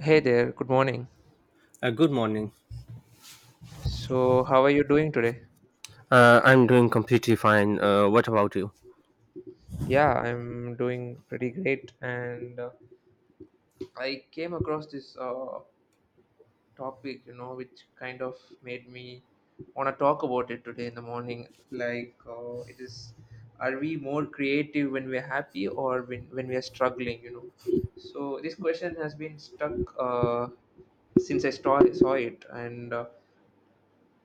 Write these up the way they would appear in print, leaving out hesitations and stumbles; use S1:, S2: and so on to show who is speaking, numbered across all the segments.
S1: Hey there, good morning.
S2: Good morning.
S1: So, how are you doing today?
S2: I'm doing completely fine. What about you?
S1: Yeah, I'm doing pretty great. And I came across this topic, you know, which kind of made me want to talk about it today in the morning. Like, it is are we more creative when we're happy or when we're struggling, you know? So, this question has been stuck since I saw it. And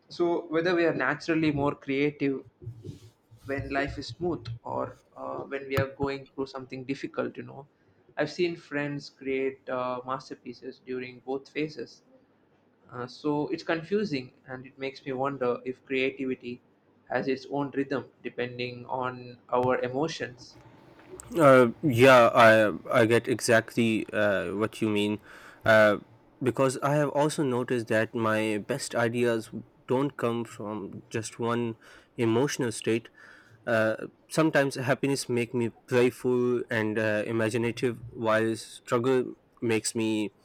S1: so, whether we are naturally more creative when life is smooth or when we are going through something difficult, you know, I've seen friends create masterpieces during both phases. So it's confusing, and it makes me wonder if creativity has its own rhythm depending on our emotions.
S2: Yeah, I get exactly what you mean, uh, because I have also noticed that my best ideas don't come from just one emotional state. Sometimes happiness make me playful and imaginative, while struggle makes me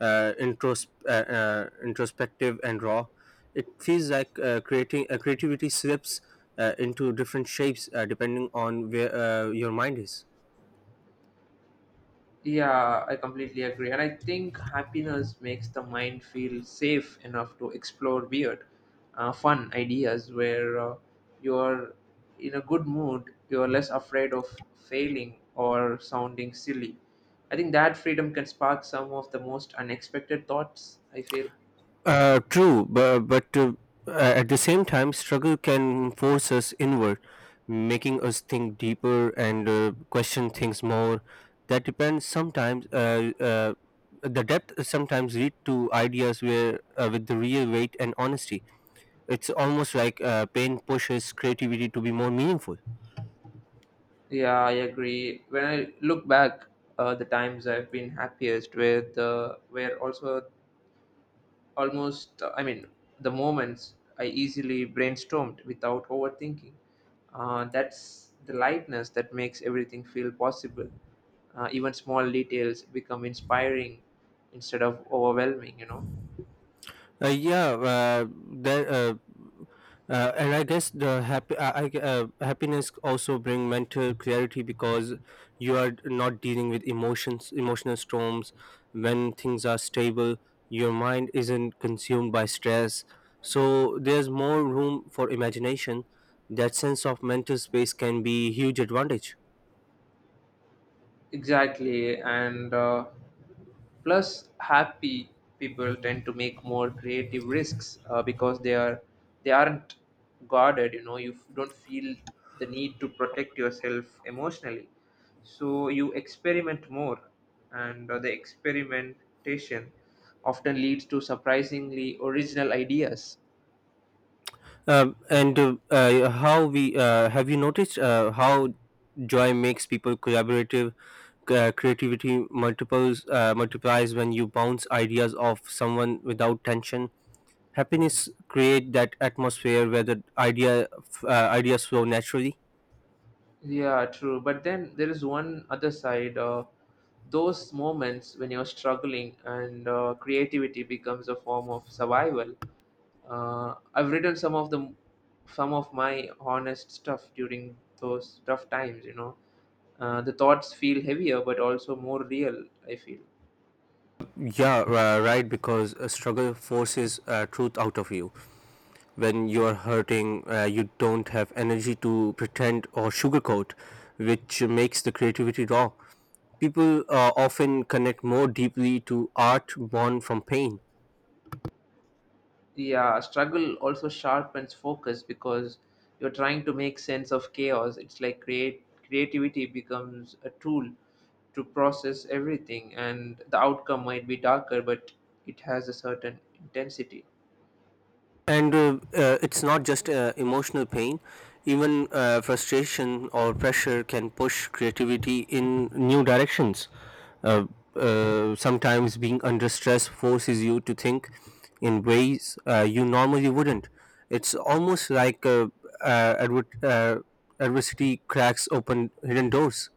S2: introspective and raw. It feels like creating creativity slips into different shapes depending on where your mind is.
S1: Yeah, I completely agree. And I think happiness makes the mind feel safe enough to explore weird, fun ideas. Where you're in a good mood, you're less afraid of failing or sounding silly. I think that freedom can spark some of the most unexpected thoughts, I feel.
S2: True, but at the same time, struggle can force us inward, making us think deeper and question things more. That depends sometimes. The depth sometimes lead to ideas where with the real weight and honesty. It's almost like pain pushes creativity to be more meaningful.
S1: Yeah, I agree. When I look back, the times I've been happiest with were also almost I mean the moments I easily brainstormed without overthinking. That's the lightness that makes everything feel possible. Even small details become inspiring instead of overwhelming, you know.
S2: Yeah, there. And I guess the happy I- happiness also bring mental clarity because you are not dealing with emotional storms. When things are stable, your mind isn't consumed by stress. So there's more room for imagination. That sense of mental space can be huge advantage.
S1: Exactly, and plus happy people tend to make more creative risks because they are they aren't guarded. You know, you don't feel the need to protect yourself emotionally, so you experiment more, and the experimentation often leads to surprisingly original ideas.
S2: And how we Have you noticed how joy makes people collaborative? Creativity multiples multiplies when you bounce ideas off someone without tension. Happiness create that atmosphere where the idea ideas flow naturally.
S1: Yeah, true. But then there is one other side. Those moments when you're struggling and creativity becomes a form of survival. I've written some of my honest stuff during those tough times. You know, the thoughts feel heavier, but also more real. I feel.
S2: Yeah, right, because a struggle forces truth out of you. When you are hurting, you don't have energy to pretend or sugarcoat, which makes the creativity raw. People often connect more deeply to art born from pain.
S1: Yeah, struggle also sharpens focus because you're trying to make sense of chaos. It's like create creativity becomes a tool to process everything, and the outcome might be darker, but it has a certain intensity.
S2: And it's not just emotional pain. Even frustration or pressure can push creativity in new directions. uh, Sometimes being under stress forces you to think in ways you normally wouldn't. It's almost like uh, adver- uh, adversity cracks open hidden doors.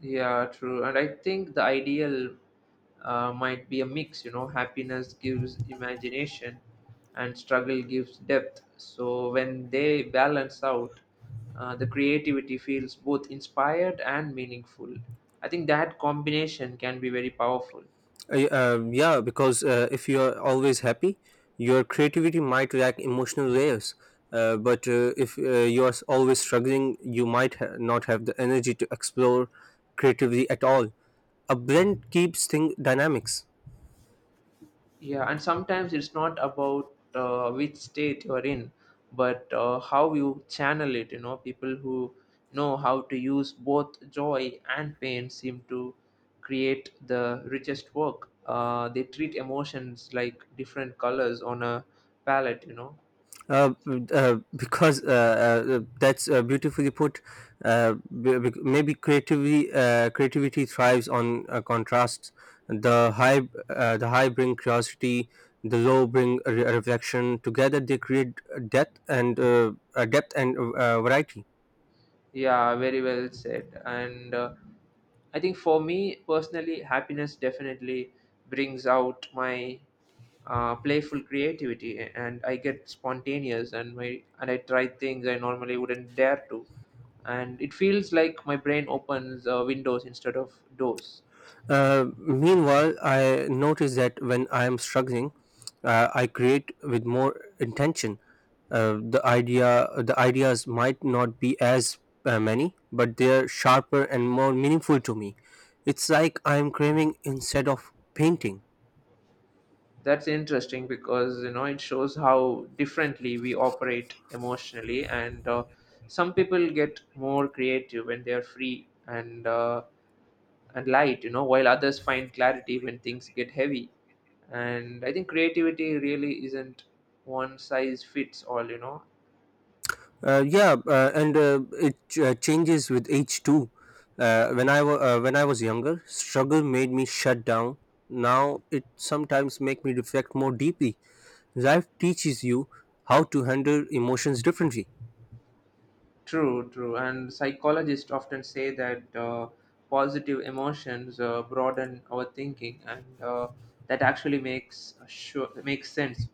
S1: Yeah, true. And I think the ideal might be a mix, you know, happiness gives imagination and struggle gives depth. So when they balance out, the creativity feels both inspired and meaningful. I think that combination can be very powerful.
S2: Yeah, because if you are always happy, your creativity might lack emotional layers. But if you are always struggling, you might not have the energy to explore creatively at all. A blend keeps things dynamics.
S1: Yeah, and sometimes it's not about which state you're in, but how you channel it. You know, people who know how to use both joy and pain seem to create the richest work. They treat emotions like different colors on a palette, you know.
S2: Uh, because that's beautifully put. Uh, Maybe creativity thrives on contrasts. The high the high bring curiosity, the low bring reflection. Together, they create depth and variety.
S1: Yeah, very well said. And I think for me personally, happiness definitely brings out my playful creativity, and I get spontaneous, and my and I try things I normally wouldn't dare to, and it feels like my brain opens windows instead of doors.
S2: Meanwhile, I notice that when I am struggling, I create with more intention. The ideas might not be as many, but they're sharper and more meaningful to me. It's like I am craving instead of painting.
S1: That's interesting because, you know, it shows how differently we operate emotionally, and some people get more creative when they are free and light, you know, while others find clarity when things get heavy. And I think creativity really isn't one size fits all, you know.
S2: Yeah, and it changes with age too. When I was younger, struggle made me shut down. Now it sometimes make me reflect more deeply. Life teaches you how to handle emotions differently.
S1: True, true. And psychologists often say that positive emotions broaden our thinking, and that actually makes sure makes sense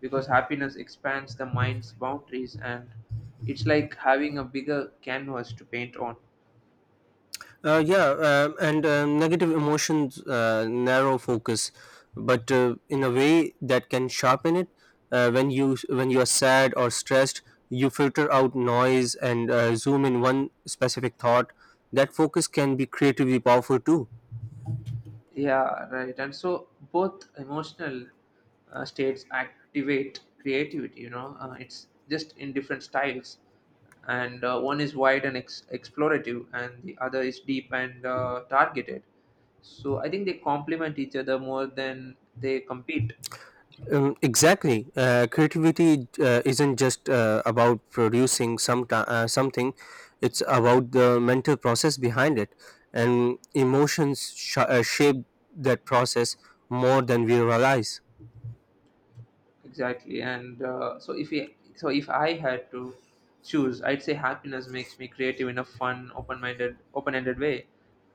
S1: because happiness expands the mind's boundaries, and it's like having a bigger canvas to paint on.
S2: Yeah, and negative emotions narrow focus, but in a way that can sharpen it. When you are sad or stressed, you filter out noise and zoom in one specific thought. That focus can be creatively powerful too.
S1: Yeah, right. And so both emotional states activate creativity, you know, it's just in different styles. And one is wide and explorative, and the other is deep and targeted. So I think they complement each other more than they compete.
S2: Exactly. Creativity isn't just about producing something; it's about the mental process behind it, and emotions shape that process more than we realize.
S1: Exactly, and so if I had to choose, I'd say happiness makes me creative in a fun, open-minded, open-ended way.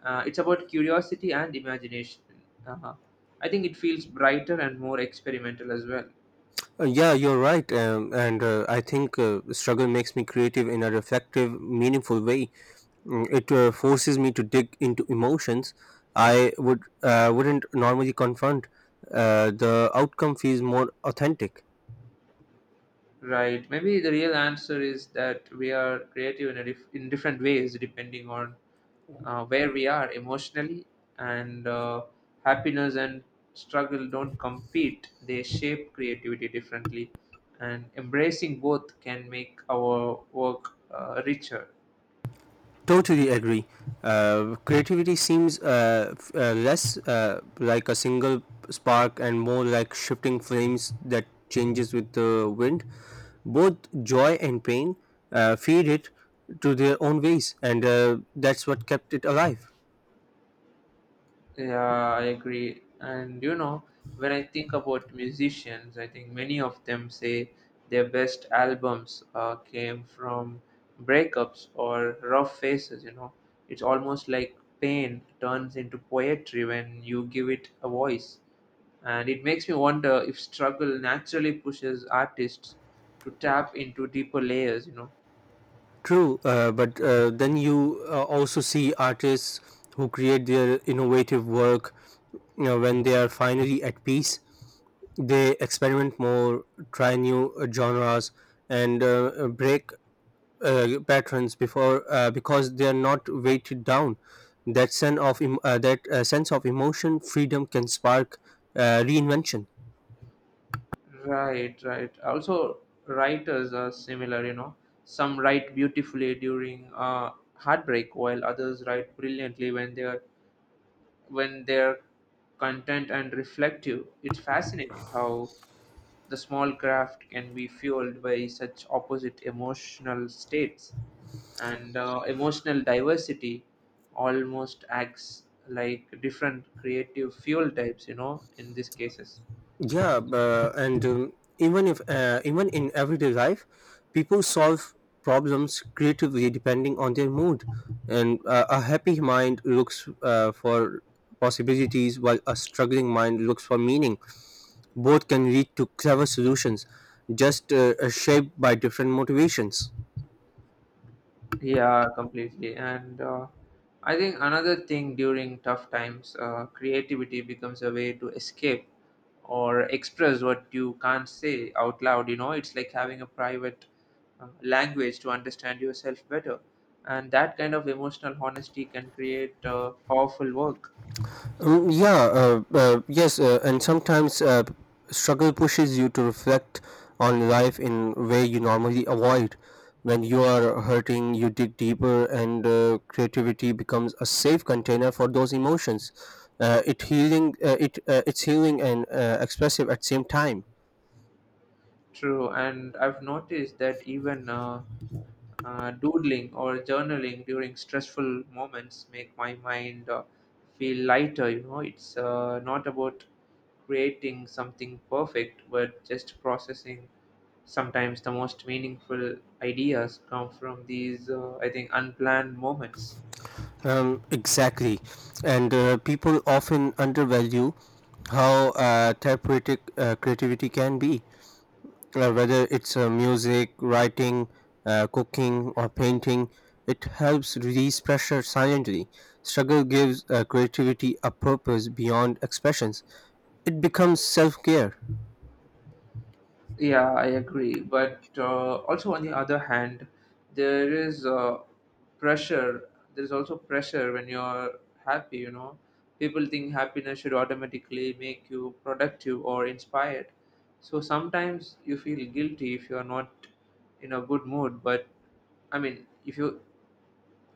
S1: It's about curiosity and imagination. uh I think it feels brighter and more experimental as well.
S2: Yeah, you're right, and I think struggle makes me creative in a reflective, meaningful way. Mm, it forces me to dig into emotions I would wouldn't normally confront. The outcome feels more authentic.
S1: Right. Maybe the real answer is that we are creative in a in different ways depending on where we are emotionally, and happiness and struggle don't compete, they shape creativity differently, and embracing both can make our work richer.
S2: Totally agree. Creativity seems less like a single spark and more like shifting flames that changes with the wind. Both joy and pain feed it to their own ways, and that's what kept it alive.
S1: Yeah, I agree. And you know, when I think about musicians, I think many of them say their best albums came from breakups or rough phases, you know. It's almost like pain turns into poetry when you give it a voice. And it makes me wonder if struggle naturally pushes artists to tap into deeper layers, you know.
S2: True, but then you also see artists who create their innovative work, you know, when they are finally at peace. They experiment more, try new genres, and break patterns before because they are not weighted down. That sense of emotion, freedom can spark reinvention.
S1: Right, right. Also, writers are similar, you know. Some write beautifully during heartbreak, while others write brilliantly when they're content and reflective. It's fascinating how the small craft can be fueled by such opposite emotional states, and emotional diversity almost acts like different creative fuel types, you know, in these cases.
S2: Yeah, b- and even if even in everyday life, people solve problems creatively depending on their mood, and a happy mind looks for possibilities, while a struggling mind looks for meaning. Both can lead to clever solutions, just shaped by different motivations.
S1: Yeah, completely. And I think another thing, during tough times, creativity becomes a way to escape or express what you can't say out loud. You know, it's like having a private language to understand yourself better. And that kind of emotional honesty can create powerful work.
S2: Yeah, yes, and sometimes struggle pushes you to reflect on life in a way you normally avoid. When you are hurting, you dig deeper, and creativity becomes a safe container for those emotions. It's healing and expressive at same time.
S1: True, and I've noticed that even doodling or journaling during stressful moments make my mind feel lighter. You know, it's not about creating something perfect, but just processing. Sometimes the most meaningful ideas come from these, I think, unplanned moments.
S2: Exactly. And people often undervalue how therapeutic creativity can be, whether it's music, writing, cooking, or painting. It helps release pressure silently. Struggle gives creativity a purpose beyond expressions. It becomes self care.
S1: Yeah, I agree. But also, on the other hand, there is pressure. There is also pressure when you're happy, you know. People think happiness should automatically make you productive or inspired. So sometimes you feel guilty if you're not in a good mood. But I mean, if you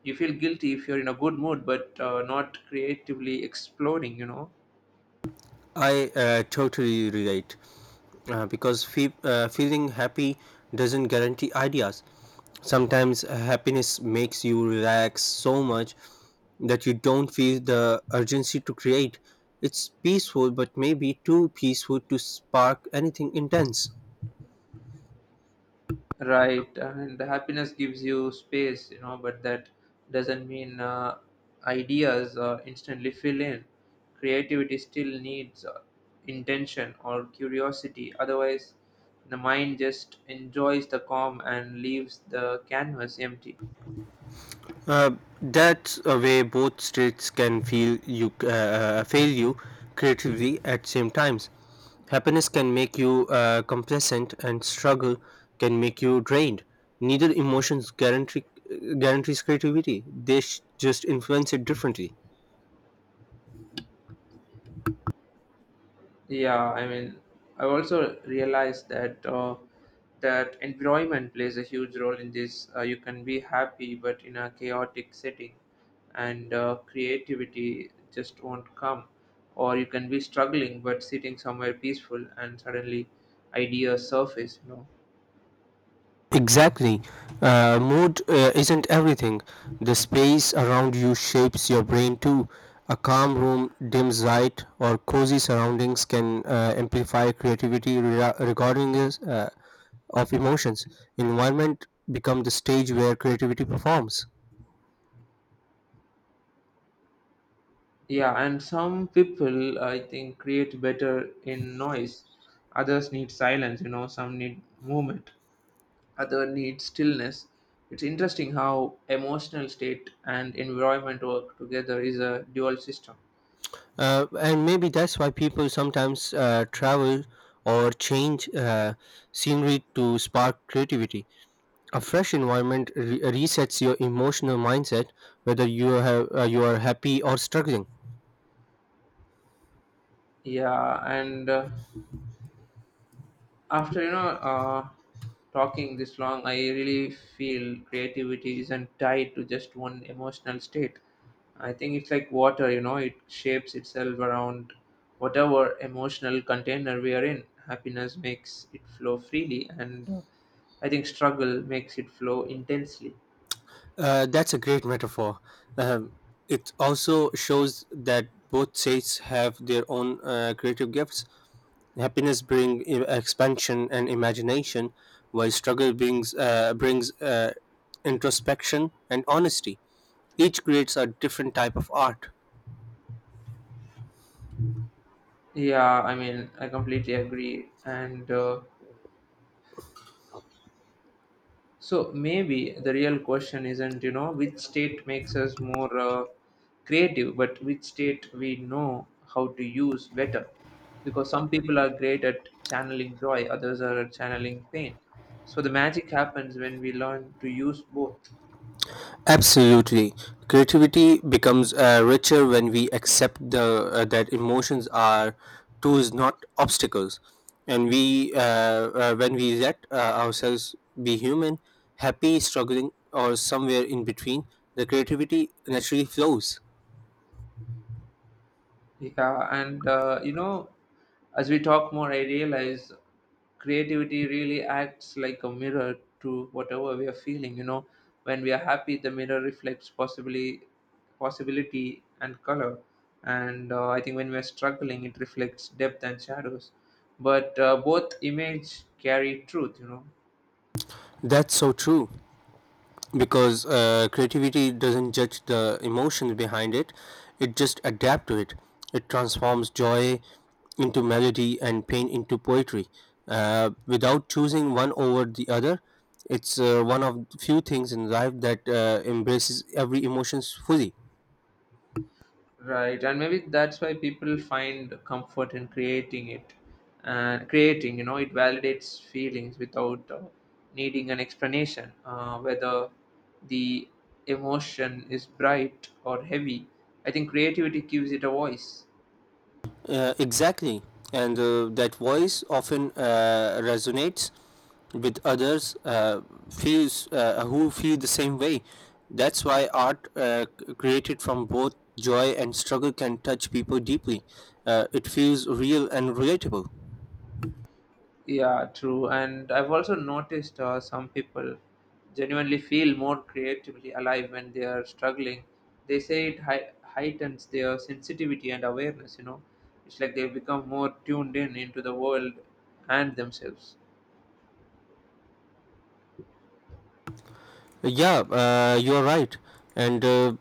S1: you feel guilty if you're in a good mood but not creatively exploring, you know.
S2: I totally relate. Because feeling happy doesn't guarantee ideas. Sometimes happiness makes you relax so much that you don't feel the urgency to create. It's peaceful, but maybe too peaceful to spark anything intense.
S1: Right, and the happiness gives you space, you know, but that doesn't mean ideas instantly fill in. Creativity still needs intention or curiosity, otherwise the mind just enjoys the calm and leaves the canvas empty.
S2: Uh, that's a way both states can feel you fail you creatively at same times. Happiness can make you complacent, and struggle can make you drained. Neither emotions guarantees creativity. They just influence it differently.
S1: Yeah, I mean, I also realized that environment plays a huge role in this. You can be happy, but in a chaotic setting, and creativity just won't come. Or you can be struggling, but sitting somewhere peaceful, and suddenly ideas surface. You know.
S2: Exactly. Mood isn't everything. The space around you shapes your brain too. A calm room, dim light, or cozy surroundings can amplify creativity regarding is, of emotions. Environment become the stage where creativity performs.
S1: Yeah, and some people I think create better in noise. Others need silence. You know, some need movement, other needs stillness. It's interesting how emotional state and environment work together is a dual system.
S2: And maybe that's why people sometimes travel or change scenery to spark creativity. A fresh environment resets your emotional mindset, whether you are happy or struggling.
S1: Yeah, and after, you know, uh, talking this long, I really feel creativity isn't tied to just one emotional state. I think it's like water, you know, it shapes itself around whatever emotional container we are in. Happiness makes it flow freely, and I think struggle makes it flow intensely.
S2: That's a great metaphor. Um, it also shows that both states have their own creative gifts. Happiness brings expansion and imagination, while struggle brings introspection and honesty. Each creates a different type of art.
S1: Yeah, I mean, I completely agree. And so maybe the real question isn't, you know, which state makes us more creative, but which state we know how to use better. Because some people are great at channeling joy, others are at channeling pain. So the magic happens when we learn to use both.
S2: Absolutely. Creativity becomes richer when we accept the that emotions are tools, not obstacles, and we when we let ourselves be human, happy, struggling, or somewhere in between, the creativity naturally flows.
S1: Yeah, and you know, as we talk more, I realize creativity really acts like a mirror to whatever we are feeling. You know, when we are happy, the mirror reflects possibly possibility and color, and I think when we are struggling, it reflects depth and shadows. But both image carry truth. You know.
S2: That's so true. Because creativity doesn't judge the emotions behind it. It just adapts to it. It transforms joy into melody and pain into poetry, without choosing one over the other. It's one of the few things in life that embraces every emotions fully.
S1: Right, and maybe that's why people find comfort in creating it, and creating, you know, it validates feelings without needing an explanation. Whether the emotion is bright or heavy, I think creativity gives it a voice.
S2: Exactly. And that voice often resonates with others feels who feel the same way. That's why art created from both joy and struggle can touch people deeply. It feels real and relatable.
S1: Yeah, true. And I've also noticed some people genuinely feel more creatively alive when they are struggling. They say it heightens their sensitivity and awareness, you know. It's like they become more tuned in into the world and themselves.
S2: Yeah, you're right. And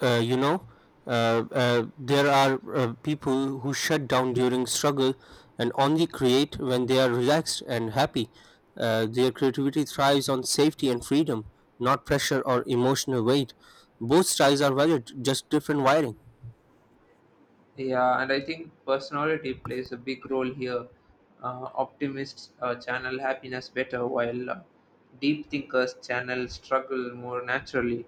S2: uh, you know, there are people who shut down during struggle and only create when they are relaxed and happy. Their creativity thrives on safety and freedom, not pressure or emotional weight. Both styles are valid, just different wiring.
S1: Yeah, and I think personality plays a big role here. Optimists channel happiness better, while deep thinkers channel struggle more naturally.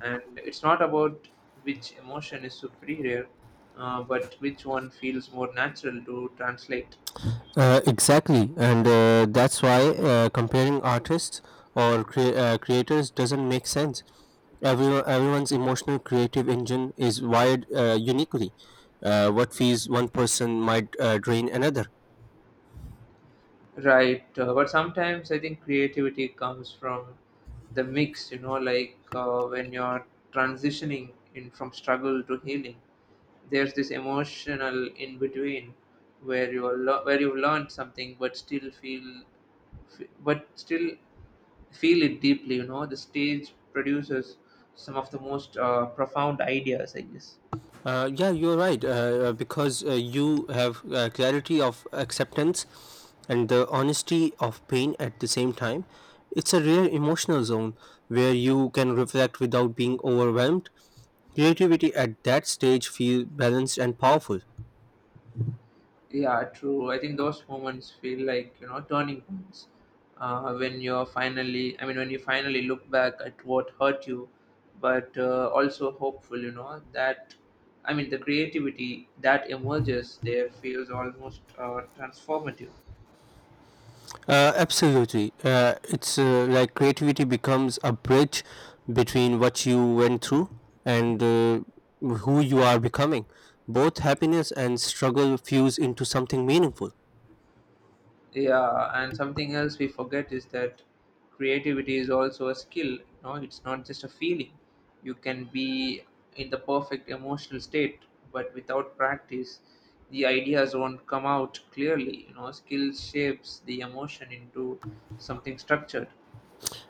S1: And it's not about which emotion is superior, but which one feels more natural to translate.
S2: Exactly, and that's why comparing artists or creators doesn't make sense. Everyone's emotional creative engine is wired uniquely. What feeds one person might drain another.
S1: Right, but sometimes I think creativity comes from the mix, you know, like when you're transitioning in from struggle to healing, there's this emotional in between where you've learned something but still feel f- but still feel it deeply, you know. The stage produces some of the most profound ideas, I guess.
S2: Yeah, you're right, because you have clarity of acceptance and the honesty of pain at the same time. It's a rare emotional zone where you can reflect without being overwhelmed. Creativity at that stage feels balanced and powerful.
S1: Yeah, true. I think those moments feel like, you know, turning points. When you finally look back at what hurt you, but also hopeful, you know, that, I mean, the creativity that emerges there feels almost transformative.
S2: Absolutely. It's like creativity becomes a bridge between what you went through and who you are becoming. Both happiness and struggle fuse into something meaningful.
S1: Yeah, and something else we forget is that creativity is also a skill. No, it's not just a feeling. You can be in the perfect emotional state, but without practice, the ideas won't come out clearly. Skill shapes the emotion into something structured.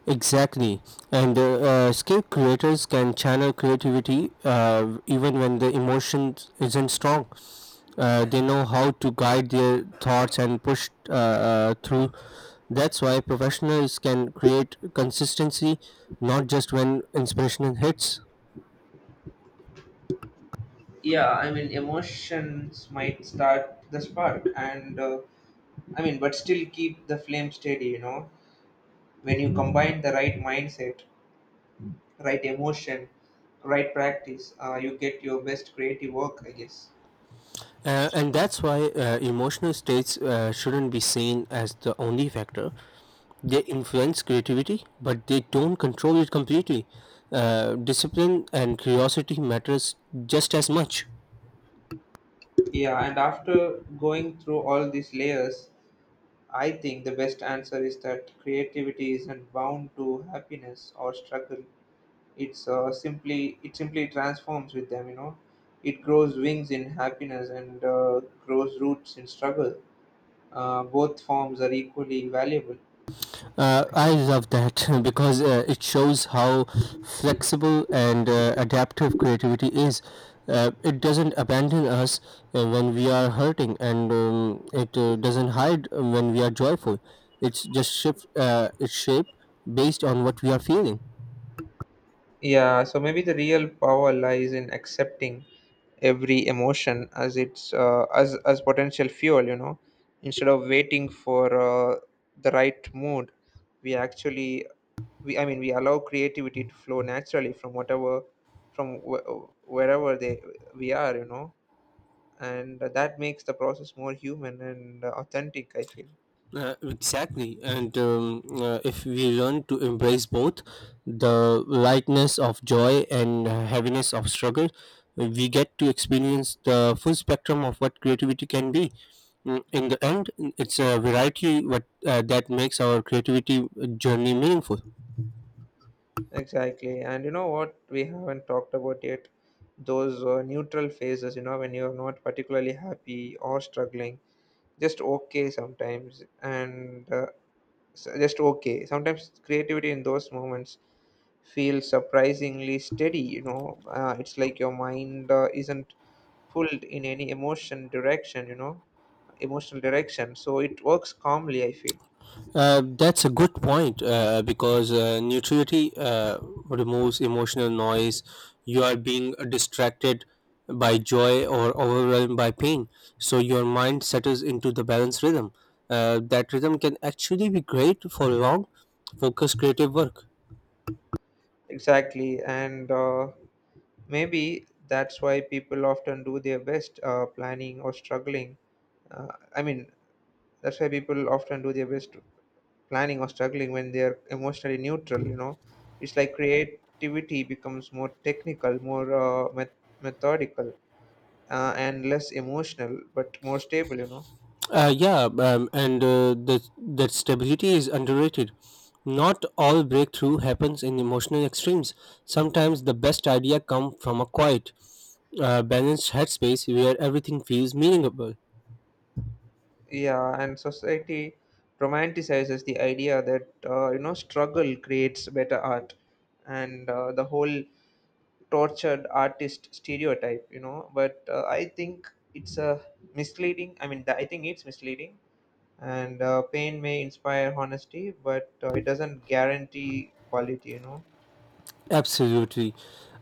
S2: Exactly, and skilled creators can channel creativity even when the emotion isn't strong. They know how to guide their thoughts and push through. That's why professionals can create consistency, not just when inspiration hits.
S1: Yeah, I mean, emotions might start the spark, and but still keep the flame steady. You know, when you combine the right mindset right emotion, right practice, you get your best creative work, I guess.
S2: And that's why emotional states shouldn't be seen as the only factor. They influence creativity, but they don't control it completely. Discipline and curiosity matters just as much.
S1: Yeah, and after going through all these layers, I think the best answer is that creativity isn't bound to happiness or struggle. It simply transforms with them. You know, it grows wings in happiness and grows roots in struggle. Both forms are equally valuable.
S2: I love that because it shows how flexible and adaptive creativity is. It doesn't abandon us when we are hurting, and it doesn't hide when we are joyful. It's just shift its shape based on what we are feeling.
S1: Yeah, so maybe the real power lies in accepting every emotion as its as potential fuel, instead of waiting for the right mood, we actually we I mean we allow creativity to flow naturally from wherever they we are, and that makes the process more human and authentic, I feel.
S2: Exactly, and if we learn to embrace both the lightness of joy and heaviness of struggle, we get to experience the full spectrum of what creativity can be. Mm, in the end, it's a variety what that makes our creativity journey meaningful.
S1: Exactly. And you know what we haven't talked about yet? Those neutral phases, you know, when you're not particularly happy or struggling. just okay sometimes and uh, just okay sometimes, creativity in those moments feels surprisingly steady. It's like your mind isn't pulled in any emotional direction, so it works calmly, I feel.
S2: That's a good point because neutrality removes emotional noise. You are being distracted by joy or overwhelmed by pain. So your mind settles into the balanced rhythm. That rhythm can actually be great for long, focused creative work.
S1: Exactly. And maybe that's why people often do their best planning or struggling uh, I mean that's why people often do their best planning or struggling when they're emotionally neutral, you know. It's like creativity becomes more technical, more methodical, and less emotional but more stable, you know.
S2: Yeah, and that stability is underrated. Not all breakthrough happens in emotional extremes. Sometimes the best idea come from a balanced headspace where everything feels meaningful.
S1: Yeah, and society romanticizes the idea that, you know, struggle creates better art, and the whole tortured artist stereotype, you know, but I think it's a misleading I mean th- I think it's misleading, and pain may inspire honesty, but it doesn't guarantee quality, you know.
S2: Absolutely.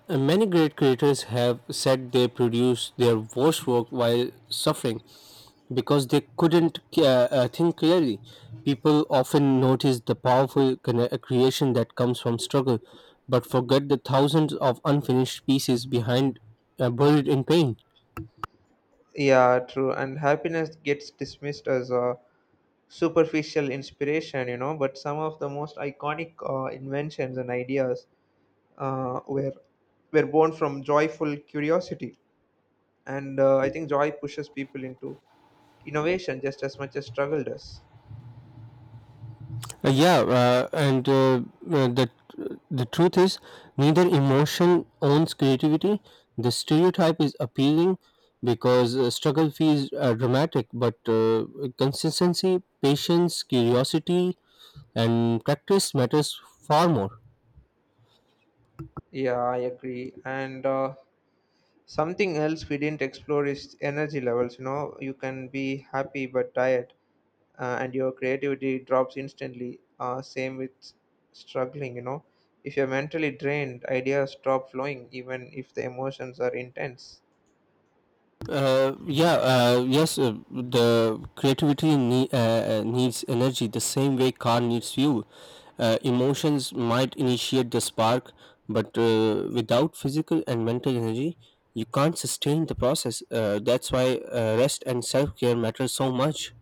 S2: And many great creators have said they produced their worst work while suffering because they couldn't think clearly. People often notice the powerful creation that comes from struggle, but forget the thousands of unfinished pieces behind buried in pain.
S1: Yeah, true. And happiness gets dismissed as a superficial inspiration, you know, but some of the most iconic inventions and ideas uh, were were born from joyful curiosity, and I think joy pushes people into innovation just as much as struggle does.
S2: Yeah, and uh, the the truth is, neither emotion owns creativity. The stereotype is appealing because struggle feels dramatic, but consistency, patience, curiosity, and practice matters far more.
S1: Yeah, I agree. And something else we didn't explore is energy levels. You know, you can be happy but tired, and your creativity drops instantly. Same with struggling, you know. If you're mentally drained, ideas stop flowing, even if the emotions are intense.
S2: Yeah, yes, the creativity needs energy the same way car needs fuel. Emotions might initiate the spark, but without physical and mental energy, you can't sustain the process. That's why rest and self care matter so much.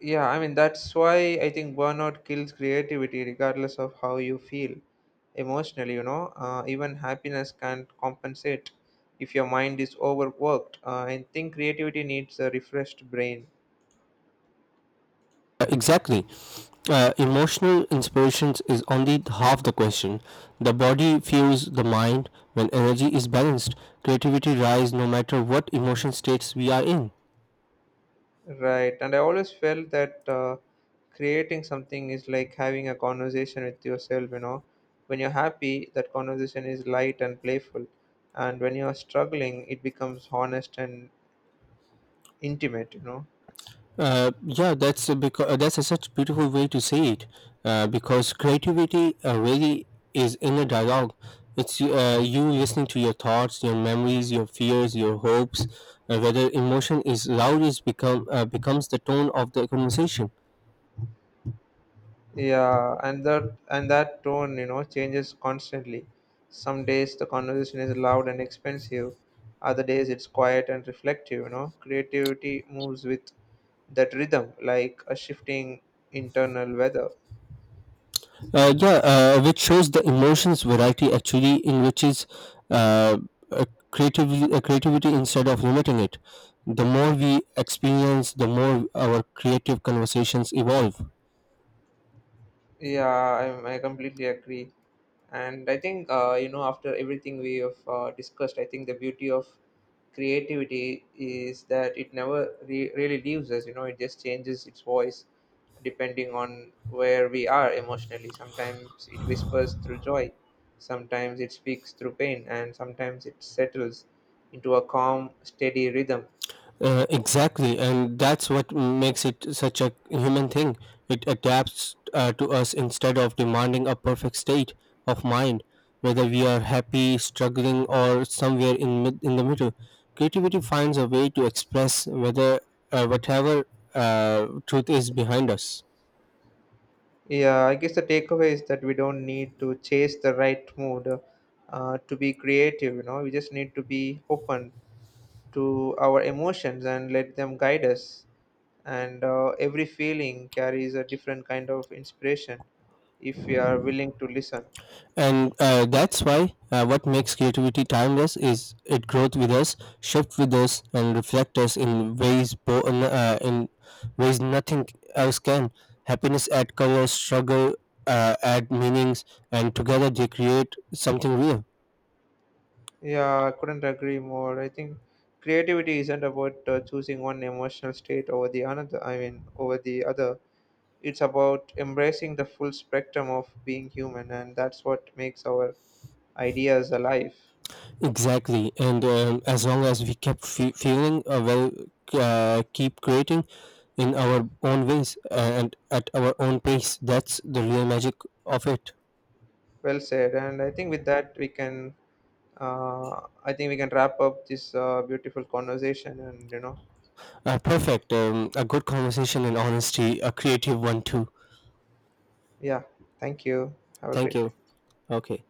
S1: Yeah, I mean, that's why I think burnout kills creativity, regardless of how you feel emotionally, you know. Even happiness can't compensate if your mind is overworked. I think creativity needs a refreshed brain.
S2: Exactly. Emotional inspirations is only half the question. The body fuels the mind when energy is balanced. Creativity rise no matter what emotion states we are in.
S1: Right. And I always felt that creating something is like having a conversation with yourself, you know. When you're happy, that conversation is light and playful. And when you're struggling, it becomes honest and intimate, you know.
S2: Yeah, that's a such beautiful way to say it. Because creativity really is inner dialogue. It's you listening to your thoughts, your memories, your fears, your hopes. Whether emotion is loud is become becomes the tone of the conversation.
S1: Yeah, and that tone, you know, changes constantly. Some days the conversation is loud and expensive. Other days it's quiet and reflective, you know. Creativity moves with that rhythm, like a shifting internal weather.
S2: Yeah, which shows the emotions variety actually enriches uh, uh, creativity instead of limiting it. The more we experience, the more our creative conversations evolve.
S1: Yeah, I completely agree. And I think, you know, after everything we have discussed, I think the beauty of creativity is that it never really leaves us, you know. It just changes its voice depending on where we are emotionally. Sometimes it whispers through joy, sometimes it speaks through pain, and sometimes it settles into a calm, steady rhythm.
S2: Exactly, and that's what makes it such a human thing. It adapts to us instead of demanding a perfect state of mind, whether we are happy, struggling, or somewhere in the middle. Creativity finds a way to express whether whatever truth is behind us.
S1: Yeah, I guess the takeaway is that we don't need to chase the right mood to be creative, you know. We just need to be open to our emotions and let them guide us. And every feeling carries a different kind of inspiration if we are willing to listen.
S2: And that's why what makes creativity timeless is it grows with us, shifts with us, and reflects us in ways in ways nothing else can. Happiness add color, struggle add meanings, and together they create something real.
S1: Yeah, I couldn't agree more. I think creativity isn't about choosing one emotional state over the another, I mean, over the other. It's about embracing the full spectrum of being human, and that's what makes our ideas alive.
S2: Exactly. And as long as we kept feeling well, keep creating in our own ways and at our own pace, that's the real magic of it.
S1: Well said. And I think with that we can, wrap up this beautiful conversation. And you know,
S2: Perfect. A good conversation and honesty, a creative one too.
S1: yeah. Thank you. Have a
S2: Thank
S1: great day.
S2: you. Okay.